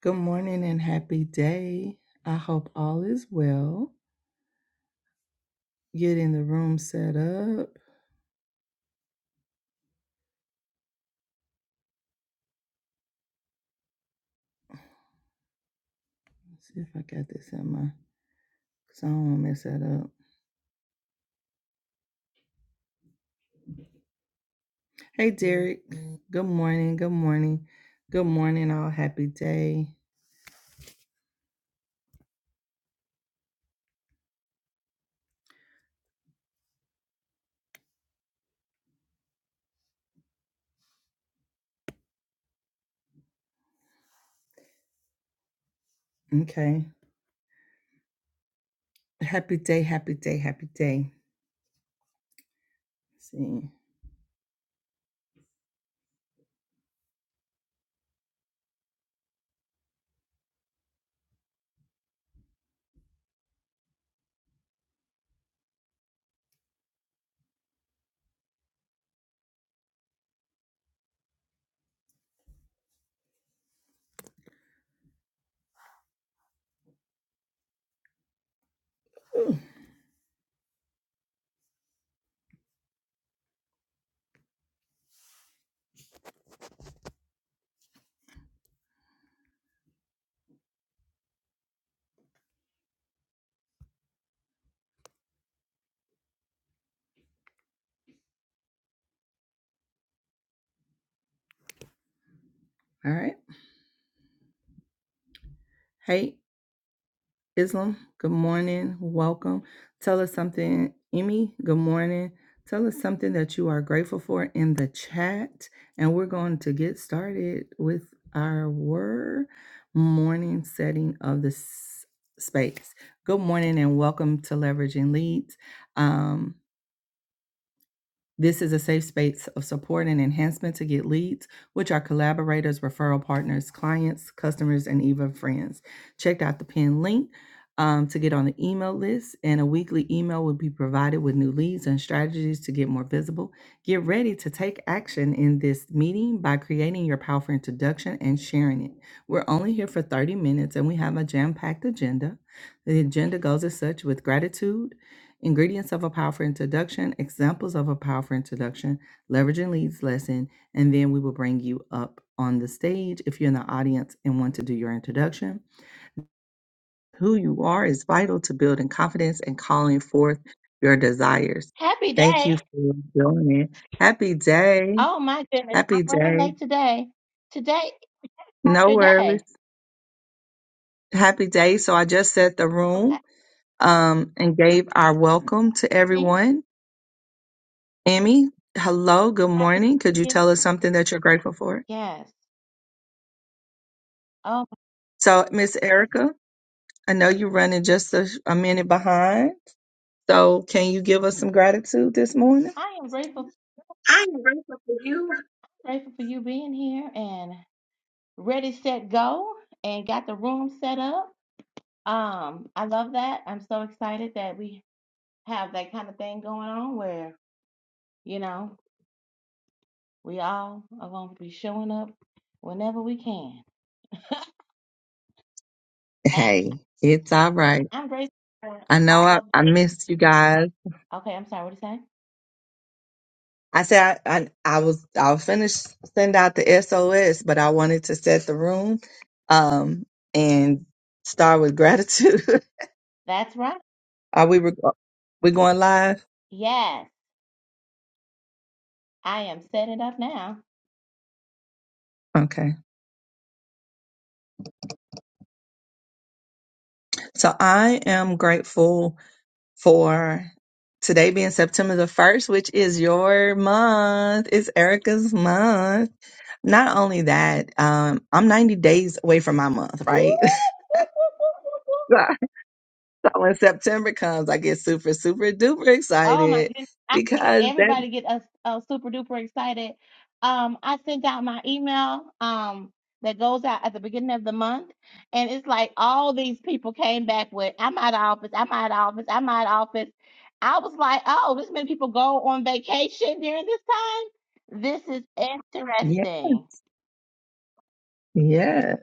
Good morning and happy day. I hope all is well. Getting the room set up. Let's see if I got this in my, because I don't want to mess that up. Hey, Derek. Good morning. Good morning. Good morning, all. Happy day. Okay. Happy day. Happy day. Happy day. Let's see. Ooh, All right. Hey, Islam, good morning. Welcome. Tell us something. Emmy, good morning. Tell us something that you are grateful for in the chat. And we're going to get started with our word morning setting of the s- space. Good morning and welcome to Leveraging Leads. Um, this is a safe space of support and enhancement to get leads, which are collaborators, referral partners, clients, customers, and even friends. Check out the pinned link um, to get on the email list, and a weekly email will be provided with new leads and strategies to get more visible. Get ready to take action in this meeting by creating your powerful introduction and sharing it. We're only here for 30 minutes, and we have a jam packed agenda. The agenda goes as such with gratitude Ingredients of a powerful introduction, examples of a powerful introduction, leveraging leads lesson, and then we will bring you up on the stage if you're in the audience and want to do your introduction. Who you are is vital to building confidence and calling forth your desires. Happy Thank day. you for joining. Happy day. Oh my goodness. I'm Happy running day. late today. Today is No after day. worries. Happy day. So I just set the room Okay. um, and gave our welcome to hear me? everyone. Emmy, hello, good Happy morning. Could you Thanksgiving. tell us something that you're grateful for? Yes. Oh So, Miss Erica, I know you're running just a, a minute behind. So, can you give us some gratitude this morning? I am grateful grateful for you being here and ready, set, go and got the room set up. Um, I love that. I'm so excited that we have that kind of thing going on where, you know, we all are gonna be showing up whenever we can. And Hey, it's all right. I'm grateful for I know all I, of I the missed you guys. Okay, I'm sorry, what did you say? I said I, I, I was I'll finish send out the SOS, but I wanted to set the room um and start with gratitude. That's right. Are we rec- we going live? Yes, I am set it up now. Okay. So I am grateful for today being September the 1st, which is your month. It's Erica's month. Not only that, um, I'm 90 days away from my month, Whoop, right? so whoop, whoop, whoop, whoop, whoop. so when September comes, I get super, super duper Oh my excited goodness. I think because that, everybody get us uh, super duper excited. Um, I sent out my email um that goes out at the beginning of the month, and it's like all these people came back with I'm out of office, I'm out of office, I'm out of office. I was like, oh, this many people go on vacation during this time. This is yeah, interesting. yeah.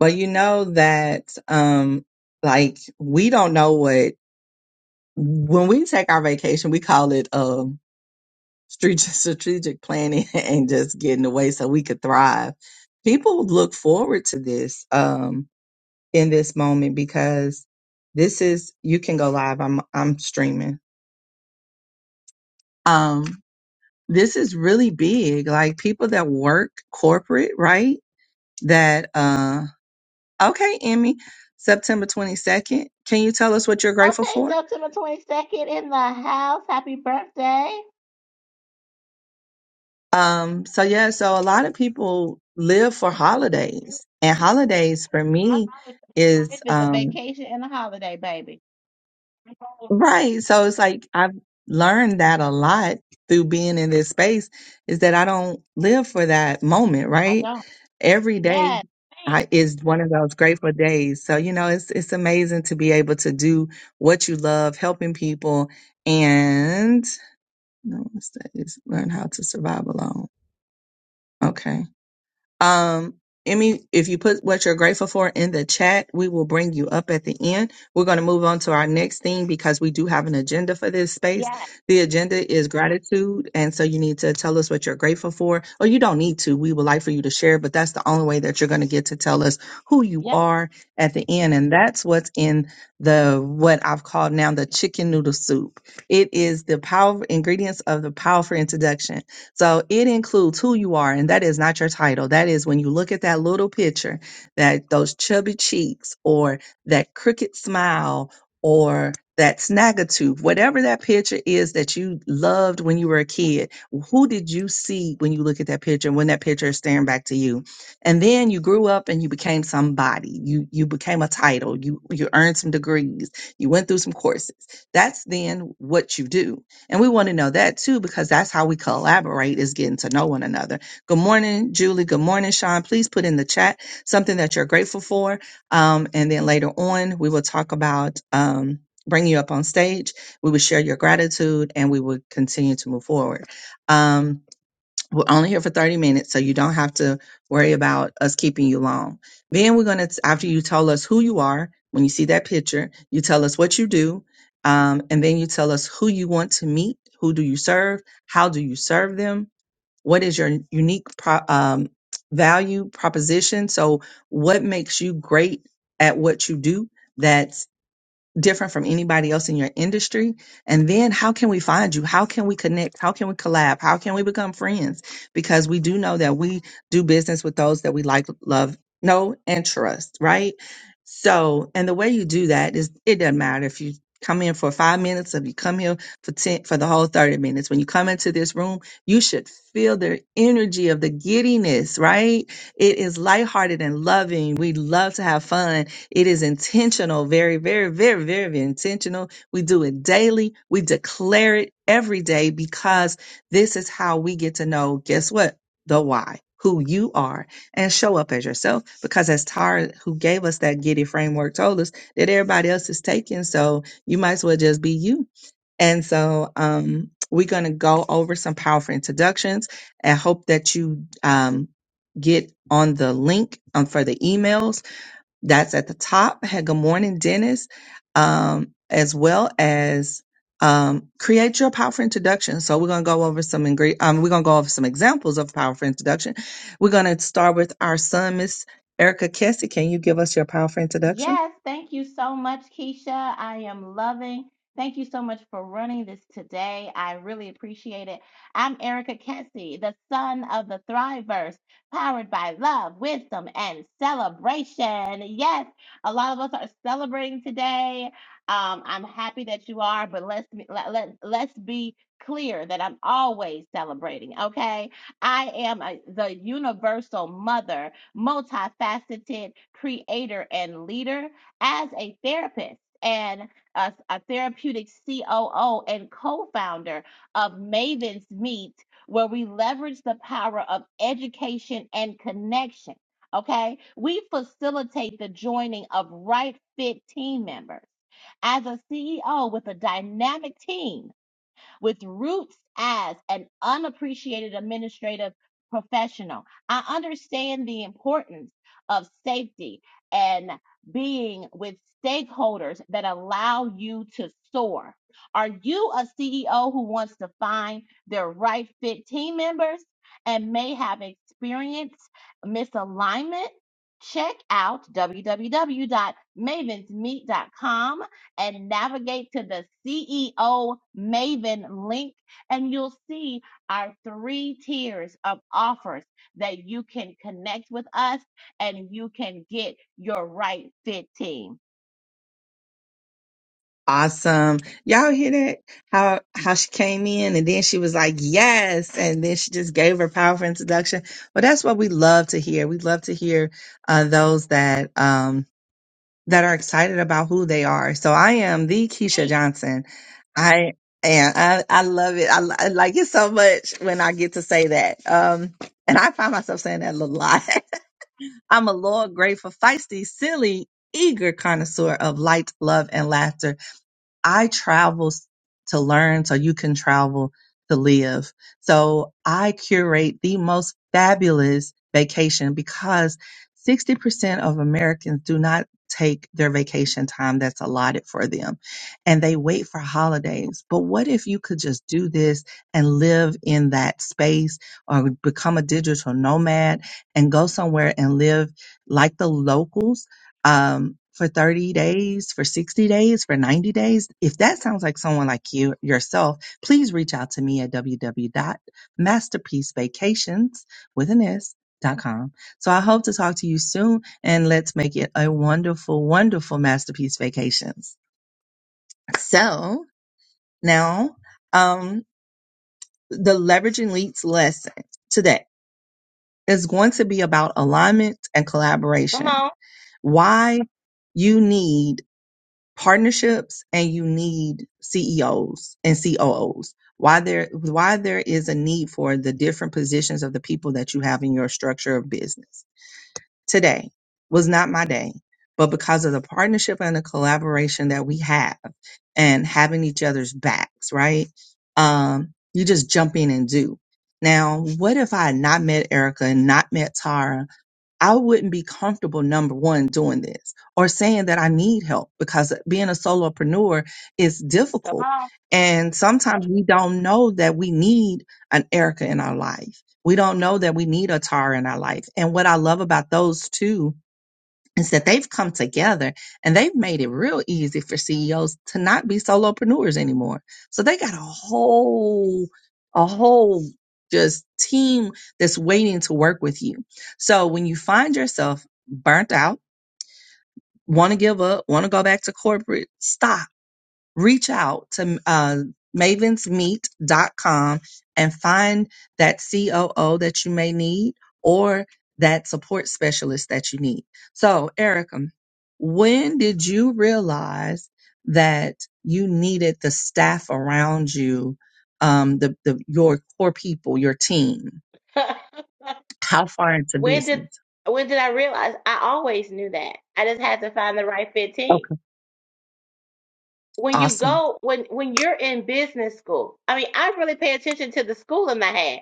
Well, you know that, um, like we don't know what, when we take our vacation, we call it, um, strate- strategic planning and just getting away so we could thrive. People look forward to this um, in this moment because this is you can go live. I'm I'm streaming. Um, this is really big. Like people that work corporate, right? That uh, okay, Emmy, September twenty second. Can you tell us what you're grateful Okay, for? September 22nd in the house. Happy birthday. Um, so yeah, so a lot of people live for They do. holidays, and holidays for My life, me my is life is a um vacation and a holiday, baby. Right. So it's like I've learned that a lot through being in this space is that I don't live for that moment, I right? don't. Every day Yes. Thanks. I, is one of those grateful days. So, you know, it's it's amazing to be able to do what you love, helping people and no, what's that? It's learn how to survive alone. Okay. Um, Emmy, if you put what you're grateful for in the chat, we will bring you up at the end. We're going to move on to our next thing because we do have an agenda for this space. Yes. The agenda is gratitude. And so you need to tell us what you're grateful for, or you don't need to. We would like for you to share, but that's the only way that you're going to get to tell us who you Yep. are at the end. And that's what's in the, what I've called now the chicken noodle soup. It is the power ingredients of the powerful introduction so it includes who you are, and that is not your title. That is when you look at that little picture, that those chubby cheeks, or that crooked smile, or that snaggletooth, whatever that picture is that you loved when you were a kid, who did you see when you look at that picture and when that picture is staring back to you? And then you grew up and you became somebody. You you became a title. You you earned some degrees. You went through some courses. That's then what you do and we want to know that too, because that's how we collaborate is getting to know one another. Good morning, Julie. Good morning, Sean. Please put in the chat something that you're grateful for. Um, and then later on, we will talk about um, bringing you up on stage. We will share your gratitude and we will continue to move forward. Um, we're only here for 30 minutes, so you don't have to worry about us keeping you long. Then we're going to, after you tell us who you are, when you see that picture, you tell us what you do, um, and then you tell us who you want to meet, who do you serve, how do you serve them, what is your unique pro- um, value proposition. So, what makes you great at what you do? That's different from anybody else in your industry? And then how can we find you? How can we connect? How can we collab? How can we become friends? Because we do know that we do business with those that we like, love, know, and trust, right? So, and the way you do that is it doesn't matter if you come in for five minutes if you come here for 10 for the whole 30 minutes. When you come into this room, you should feel the energy of the giddiness, right? It is lighthearted and loving. We love to have fun it is intentional, very, very, very, very intentional. We do it daily. We declare it every day because this is how we get to know, guess what? The why, who you are, and show up as yourself. Because as Tara, who gave us that Giddy framework, told us that everybody else is taken. So you might as well just be you. And so um, we're going to go over some powerful introductions and hope that you um, get on the link um, for the emails that's at the top. Hey, Good morning, Dennis. Um, as well as um, create your powerful introduction. So we're gonna go over some ingre- um, we're gonna go over some examples of powerful introduction. We're gonna start with our son, Miss Erica Kessie. Can you give us your powerful introduction? Yes, thank you so much, Keisha. I am loving. Thank you so much for running this today. I really appreciate it. I'm Erica Kessie, the son of the Thriverse, powered by love, wisdom, and celebration. Yes, a lot of us are celebrating today. Um, I'm happy that you are, but let's be- let, let, let's be clear that I'm always celebrating, okay? I am a, the universal mother multifaceted creator and leader as a therapist and a, a therapeutic COO and co founder of Maven's Meet, where we leverage the power of education and connection. Okay, we facilitate the joining of right fit team members. As a CEO with a dynamic team, with roots as an unappreciated administrative professional. I understand the importance of safety and being with stakeholders that allow you to soar. Are you a CEO who wants to find their right fit team members and may have experienced misalignment? Check out www.mavensmeet.com and navigate to the CEO Maven link, and you'll see our three tiers of offers that you can connect with us and you can get your right fit team. awesome. Y'all hear that? How how she came in and then she was like, yes, and then she just gave her powerful introduction. Well, that's what we love to hear. We love to hear uh, those that um that are excited about who they are. So I am the Keisha Hey, Johnson. I and I, I love it. I, li- I like it so much when I get to say that. Um, and I find myself saying that a lot. I'm a loyal, grateful, feisty, silly, eager connoisseur of light, love, and laughter I travel to learn so you can travel to live. So I curate the most fabulous vacation because 60% of Americans do not take their vacation time that's allotted for them and they wait for holidays. But what if you could just do this and live in that space or become a digital nomad and go somewhere and live like the locals? um, for 30 days, for 60 days, for 90 days. If that sounds like someone like you yourself, please reach out to me at www.masterpiecevacations with an S. Dot com. So I hope to talk to you soon and let's make it a wonderful, wonderful masterpiece vacations. So now, um, the leveraging leads lesson today is going to be about alignment and Come collaboration. on, Why you need partnerships and you need CEOs and COOs. Why there why there is a need for the different positions of the people that you have in your structure of business. Today was not my day, but because of the partnership and the collaboration that we have and having each other's backs, right? Um, you just jump in and do. Now, what if I had not met Erica and not met Tara I wouldn't be comfortable, number one, doing this or saying that I need help because being a solopreneur is come difficult. on. And sometimes we don't know that we need an Erica in our life. We don't know that we need a Tara in our life. And what I love about those two is that they've come together and they've made it real easy for CEOs to not be solopreneurs anymore. So they got a whole, a whole just team that's waiting to work with you. So when you find yourself burnt out, want to give up, want to go back to corporate, stop reach out to uh, mavens meet dot com and find that COO that you may need or that support specialist that you need. So, Erica, when did you realize that you needed the staff around you, um, the, the your core people, your team? How far into when did business? when did I realize I always knew that? I just had to find the right fit team. Okay, When you awesome. go when when you're in business school, I mean, I really pay attention to the schooling I had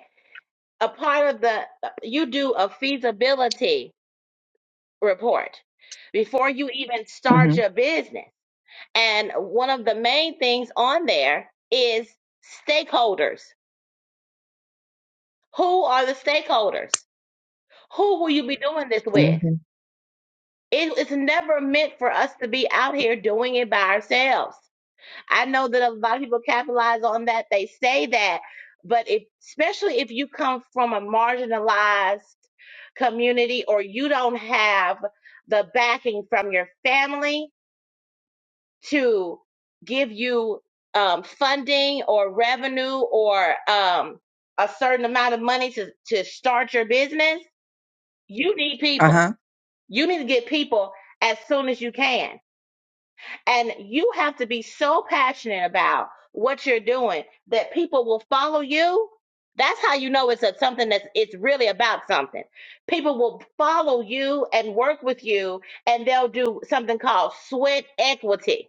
a part of the you do a feasibility report before you even hmm start your business and one of the main things on there is stakeholders who are the stakeholders who will you be doing this with hmm it, it's never meant for us to be out here doing it by ourselves I know that a lot of people capitalize on that. They say that, but if, especially if you come from a marginalized community or you don't have the backing from your family to give you um, funding or revenue or um, a certain amount of money to, to start your business, you need Uh people. huh. You need to get people as soon as you can and you have to be so passionate about what you're doing that people will follow you. That's how you know it's a, something that's it's really about something. People will follow you and work with you, and they'll do something called sweat equity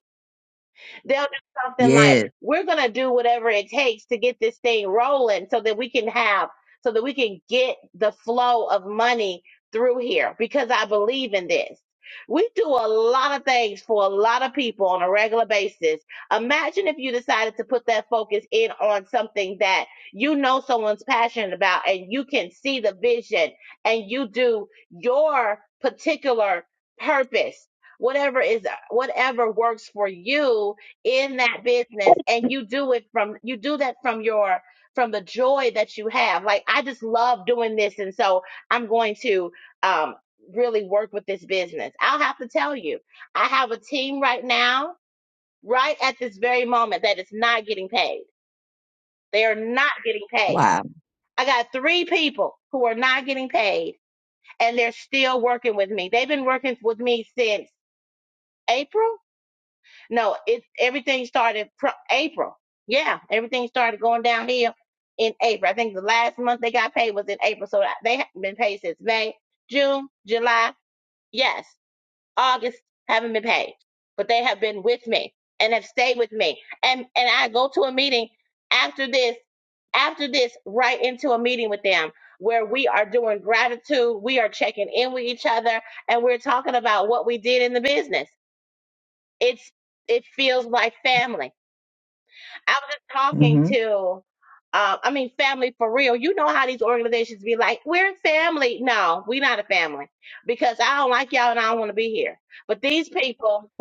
They'll do something like, Yes. we're going to do whatever it takes to get this thing rolling so that we can have, so that we can get the flow of money through here because I believe in this. We do a lot of things for a lot of people on a regular basis. Imagine if you decided to put that focus in on something that you know someone's passionate about and you can see the vision and you do your particular purpose whatever is whatever works for you in that business and you do it from you do that from your from the joy that you have like i just love doing this and so i'm going to um really work with this business i'll have to tell you i have a team right now right at this very moment that is not getting paid they are not getting paid Wow. i got three people who are not getting paid and they're still working with me they've been working with me since april No, it everything started pro- April. Yeah, everything started going downhill in April. I think the last month they got paid was in April, so that- they haven't been paid since May, June, July, yes, August haven't been paid, but they have been with me and have stayed with me. And and I go to a meeting after this, after this, right into a meeting with them where we are doing gratitude, we are checking in with each other, and we're talking about what we did in the business it's it feels like family. I was just talking hmm to, uh, I mean, family for real. You know how these organizations be like, we're family. No, we not a family because I don't like y'all and I don't want to be here. But these people,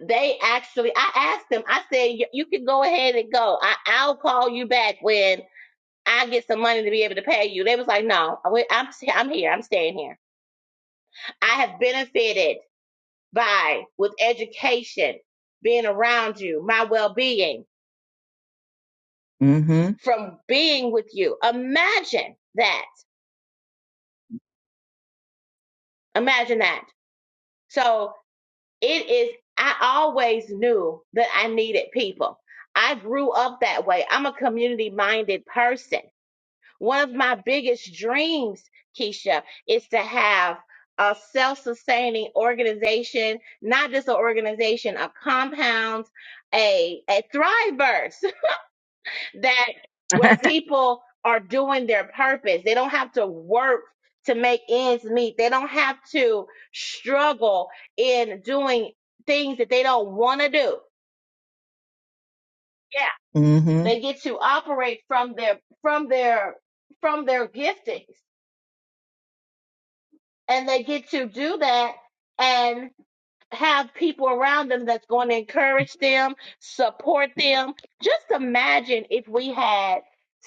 they actually, I asked them, I said, "Y- you can go ahead and go. I, I'll call you back when I get some money to be able to pay you. They was like, no, we- I'm, I'm here. I'm staying here. I have benefited by, with education, being around you, my well being. hmm from being with you. Imagine that. Imagine that. So it is, I always knew that I needed people. I grew up that way. I'm a community minded person. One of my biggest dreams, Keisha, is to have a self sustaining organization, not just an organization, a compound, a, a Thriveverse. that where people are doing their purpose. They don't have to work to make ends meet. They don't have to struggle in doing things that they don't want to do. Yeah. hmm They get to operate from their from their from their giftings and they get to do that and. have people around them that's going to encourage them, support them. Just imagine if we had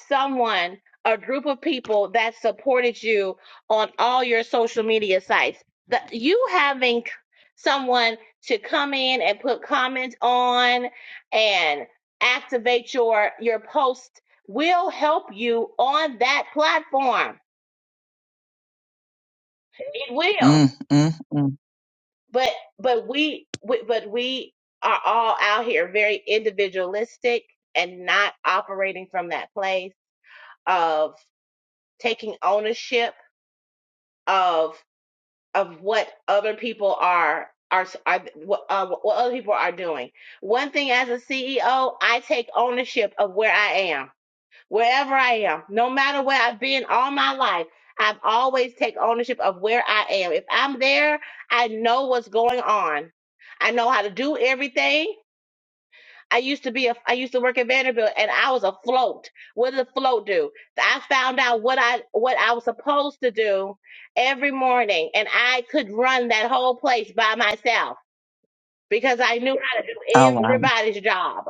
someone, a group of people that supported you on all your social media sites. That you having someone to come in and put comments on and activate your your post will help you on that platform. It will. Mm, mm, mm. but but we, we but we are all out here very individualistic and not operating from that place of taking ownership of of what other people are are, are what, uh, what other people are doing. One thing as a CEO, I take ownership of where I am wherever I am, no matter where I've been all my life, I've always take ownership of where I am. If I'm there, I know what's going on. I know how to do everything. I used to be a I used to work at Vanderbilt and I was afloat. What did the float do? I found out what I what I was supposed to do every morning and I could run that whole place by myself because I knew how to do Oh wow. everybody's job.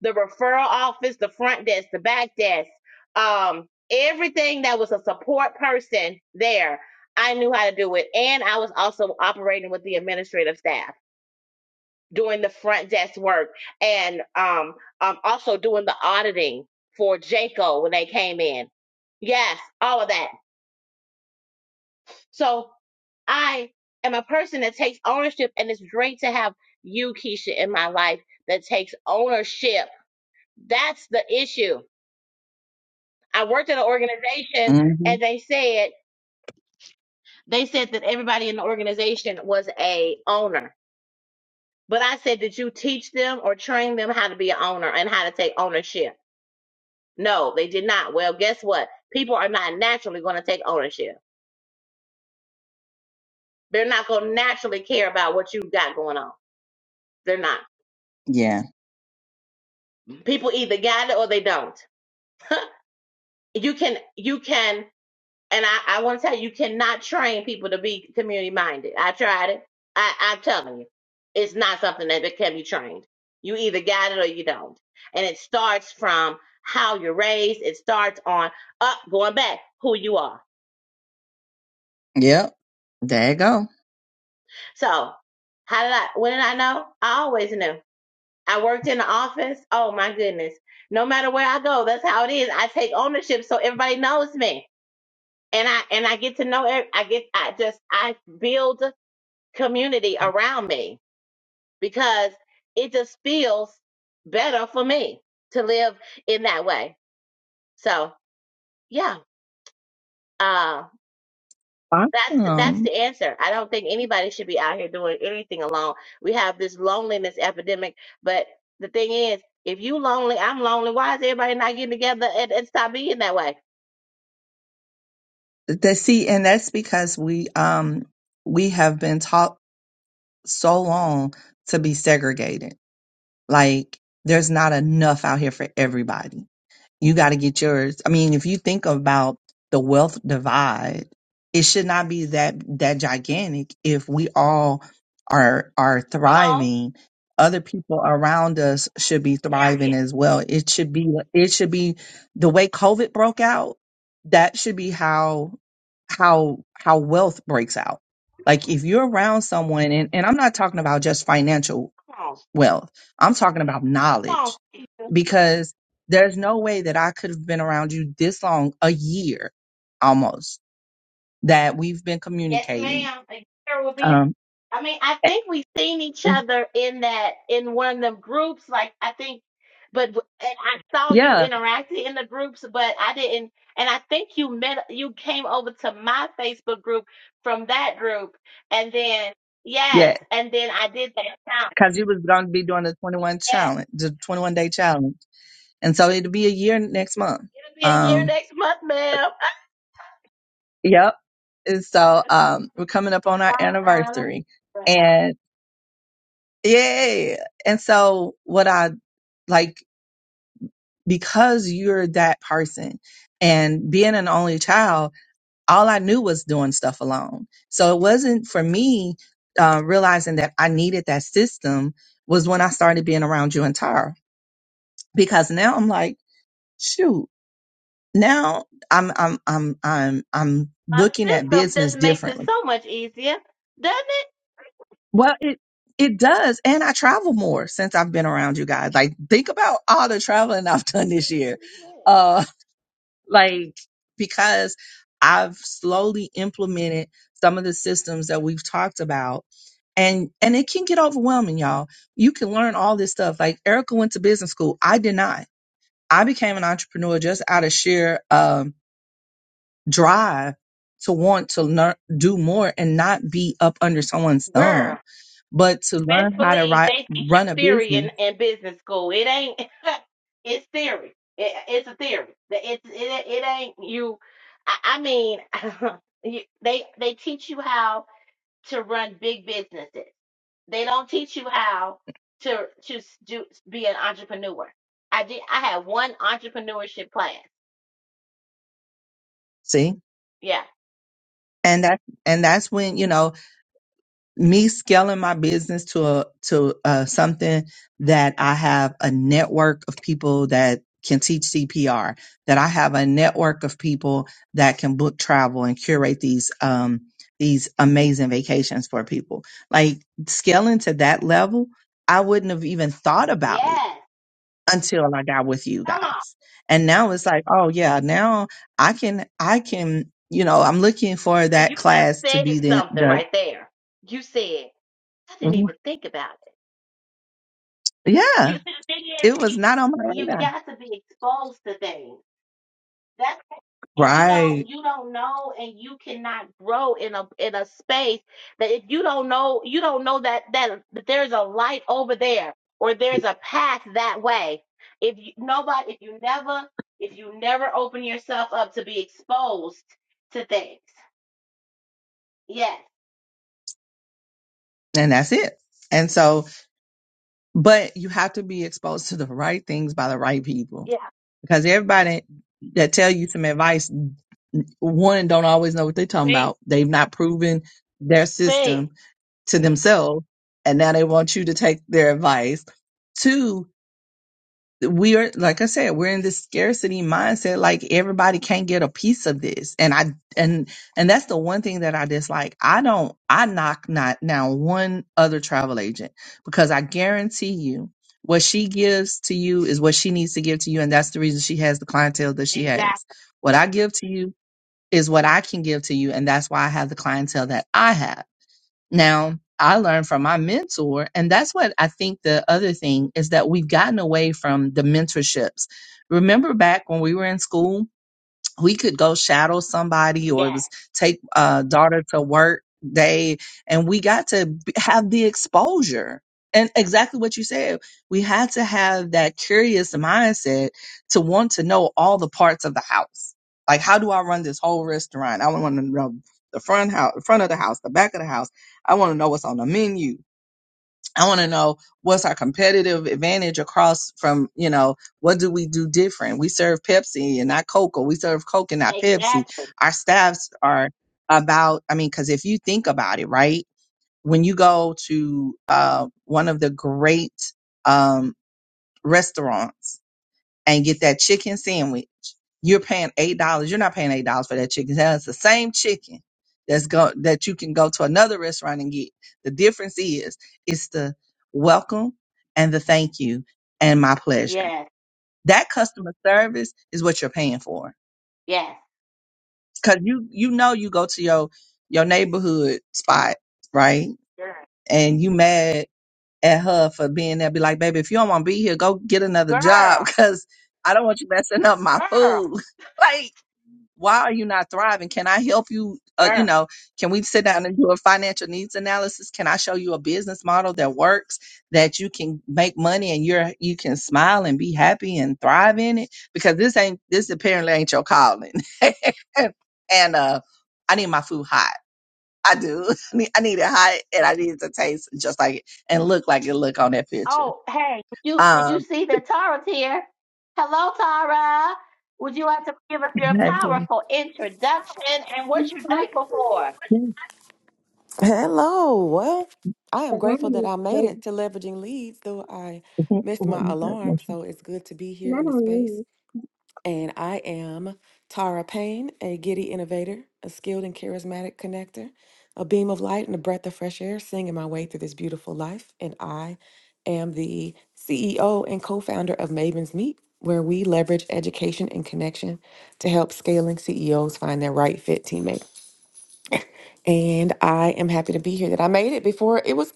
The referral office, the front desk, the back desk, um, everything that was a support person there, I knew how to do it. And I was also operating with the administrative staff, doing the front desk work and um, um also doing the auditing for Janko when they came in. Yes, all of that. So I am a person that takes ownership, and it's great to have you, Keisha, in my life that takes ownership. That's the issue. I worked at an organization, hmm and they said they said that everybody in the organization was a owner. But I said, did you teach them or train them how to be an owner and how to take ownership? No, they did not. Well, guess what? People are not naturally going to take ownership. They're not going to naturally care about what you've got going on. They're not. Yeah. People either got it or they don't you can you can and I, I want to tell you you cannot train people to be community minded. I tried it. I, I'm telling you, it's not something that, that can be trained. You either got it or you don't. And it starts from how you're raised. It starts on up going back who you are. Yep. There you go. So how did I? When did I know? I always knew. I worked in the office. Oh my goodness! No matter where I go, that's how it is. I take ownership, so everybody knows me. and I and I get to know ev- I get I just I build community around me because it just feels better for me to live in that way. So yeah, uh, that's that's Awesome. the answer. I don't think anybody should be out here doing anything alone. We have this loneliness epidemic, but the thing is, if you lonely, I'm lonely. Why is everybody not getting together and, and stop being that way? That see, and that's because we um we have been taught so long to be segregated. Like there's not enough out here for everybody. you got to get yours. I mean, if you think about the wealth divide, it should not be that that gigantic if we all are are Come on, thriving. Other people around us should be thriving period. as well. It should be it should be the way COVID broke out, that should be how how how wealth breaks out. Like if you're around someone and, and I'm not talking about just financial Come on, wealth. I'm talking about come knowledge on. because there's no way that I could have been around you this long, a year almost, that we've been Yes, communicating. ma'am. A year will be. Um, I mean, I think we've seen each eh, other in that in one of them groups. Like I think, but w- and I saw you yeah, interacting in the groups, but I didn't. And I think you met. You came over to my Facebook group from that group, and then yes, yeah, and then I did that count. because you was going to be doing the 21 Yes, challenge, the 21 day challenge, and so it'll be a year next month. it'll be a year Um, next month, ma'am. yep. And so um, we're coming up on our Uh, anniversary, and yeah, and so what I like. because you're that person and being an only child all i knew was doing stuff alone so it wasn't for me uh, realizing that i needed that system was when i started being around you and tara because now i'm like shoot now i'm i'm i'm i'm, I'm A looking at system just business makes it differently so much easier, doesn't it? well it it does and i travel more since i've been around you guys like think about all the traveling i've done this year Uh, like because I've slowly implemented some of the systems that we've talked about and and it can get overwhelming y'all you can learn all this stuff like Erica went to business school I did not I became an entrepreneur just out of sheer um drive to want to learn do more and not be up under someone's thumb Girl. but to learn how to Misbelieve. ri- They teach run you a theory business in, in business school. It ain't. it's theory. It, it's a theory. It's it, it ain't you. I, I mean, you, they they teach you how to run big businesses. They don't teach you how to to s- do be an entrepreneur. I did. I had one entrepreneurship class. see Yeah. and that and that's when you know me scaling my business to a to uh, something that I have a network of people that can teach CPR, that I have a network of people that can book travel and curate these um these amazing vacations for people. Like scaling to that level, I wouldn't have even thought about it Yes. until I got with you Come on. guys. And now it's like, oh yeah, now I can I can you know, I'm looking for So that you just class to said be the something the right there. You said I didn't Mhm. even think about. it." yeah You see, the thing is, it was you not on my you radar. got to be exposed to things. That's and you Right. don't you don't know, and you cannot grow in a in a space that if you don't know you don't know that that, that there's a light over there or there's a path that way. If you, nobody, if you never if you never open yourself up to be exposed to things, yes, And that's it. And so, but you have to be exposed to the right things by the right people yeah, because everybody that tell you some advice, one, don't always know what they're talking thing, about. They've not proven their thing, system to themselves. And now they want you to take their advice. Two. we are like i said we're in this scarcity mindset like everybody can't get a piece of this and i and and that's the one thing that i dislike i don't i knock not now one other travel agent because i guarantee you what she gives to you is what she needs to give to you and that's the reason she has the clientele that she has exactly, what i give to you is what i can give to you and that's why i have the clientele that i have now, I learned from my mentor, and that's what I think the other thing is that we've gotten away from the mentorships. Remember back when we were in school we could go shadow somebody or it yes, was take a daughter to work day and we got to b- have the exposure and exactly what you said we had to have that curious mindset to want to know all the parts of the house like how do i run this whole restaurant i want to know the front house front of the house the back of the house i want to know what's on the menu I want to know what's our competitive advantage across from, you know, what do we do different? We serve Pepsi and not Coke, or we serve Coke and not Pepsi. exactly, Our staffs are about, I mean, because if you think about it, right? When you go to uh, one of the great um, restaurants, and get that chicken sandwich, you're paying eight dollars. You're not paying eight dollars for that chicken. That's the same chicken that's go that you can go to another restaurant and get. The difference is it's the welcome and the thank you and my pleasure. yes, That customer service is what you're paying for. yes, Cause you you know you go to your your neighborhood spot, right? girl, And you mad at her for being there, be like, baby, if you don't want to be here, go get another job girl. because I don't want you messing up my Girl, food. like why are you not thriving can i help you uh, you girl. know can we sit down and do a financial needs analysis can i show you a business model that works that you can make money and you're you can smile and be happy and thrive in it because this ain't this apparently ain't your calling and uh i need my food hot i do I need, I need it hot and i need it to taste just like it and look like it look on that picture Oh, hey, did you did you um see that Tara's here? Hello, Tara. Would you like to give us your hey, boo. powerful introduction and what you're grateful for? Yeah. Hello. Well, I am But now grateful that you- I made so- it to leveraging leads, though I Mhm. missed What my you alarm. got? So it's good to be here in Not the on space. me. And I am Tara Payne, a giddy innovator, a skilled and charismatic connector, a beam of light and a breath of fresh air, singing my way through this beautiful life. And I am the CEO and co founder of Mavens Meet, where we leverage education and connection to help scaling CEOs find their right fit teammates. And I am happy to be here that I made it before it was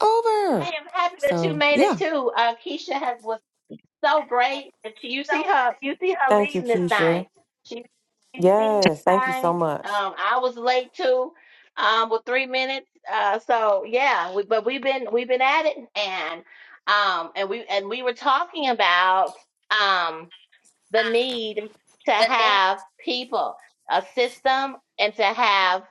I over. am happy that you So, made it yeah. too. Uh, Keisha has was so great. And she, you see her, you see her Thank you, leading this thing. Keisha. She, she's leading this Yes, thank you so thing. much. Um, I was late too, um, with three minutes. Uh, so yeah, we, but we've been we've been at it, and um, and we and we were talking about um the need to have people, a system, and to have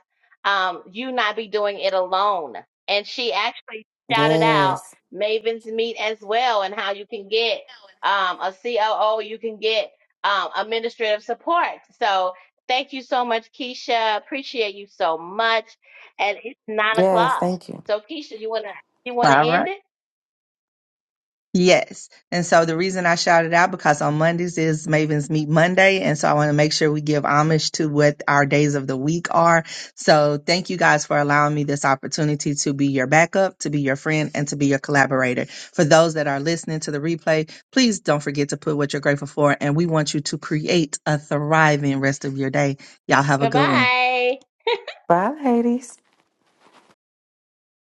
um, you not be doing it alone. And she actually shouted out Yes, Maven's Meet as well and how you can get um, a COO, you can get um, administrative support. So thank you so much, Keisha. Appreciate you so much. And it's nine yes, o'clock. thank you. So Keisha, you wanna you wanna All end right. it? Yes. And so the reason I shouted out because on Mondays is Mavens Meet Monday. And so I want to make sure we give homage to what our days of the week are. So thank you guys for allowing me this opportunity to be your backup, to be your friend, and to be your collaborator. For those that are listening to the replay, please don't forget to put what you're grateful for. And we want you to create a thriving rest of your day. Y'all have a Bye good one. bye. Bye, ladies.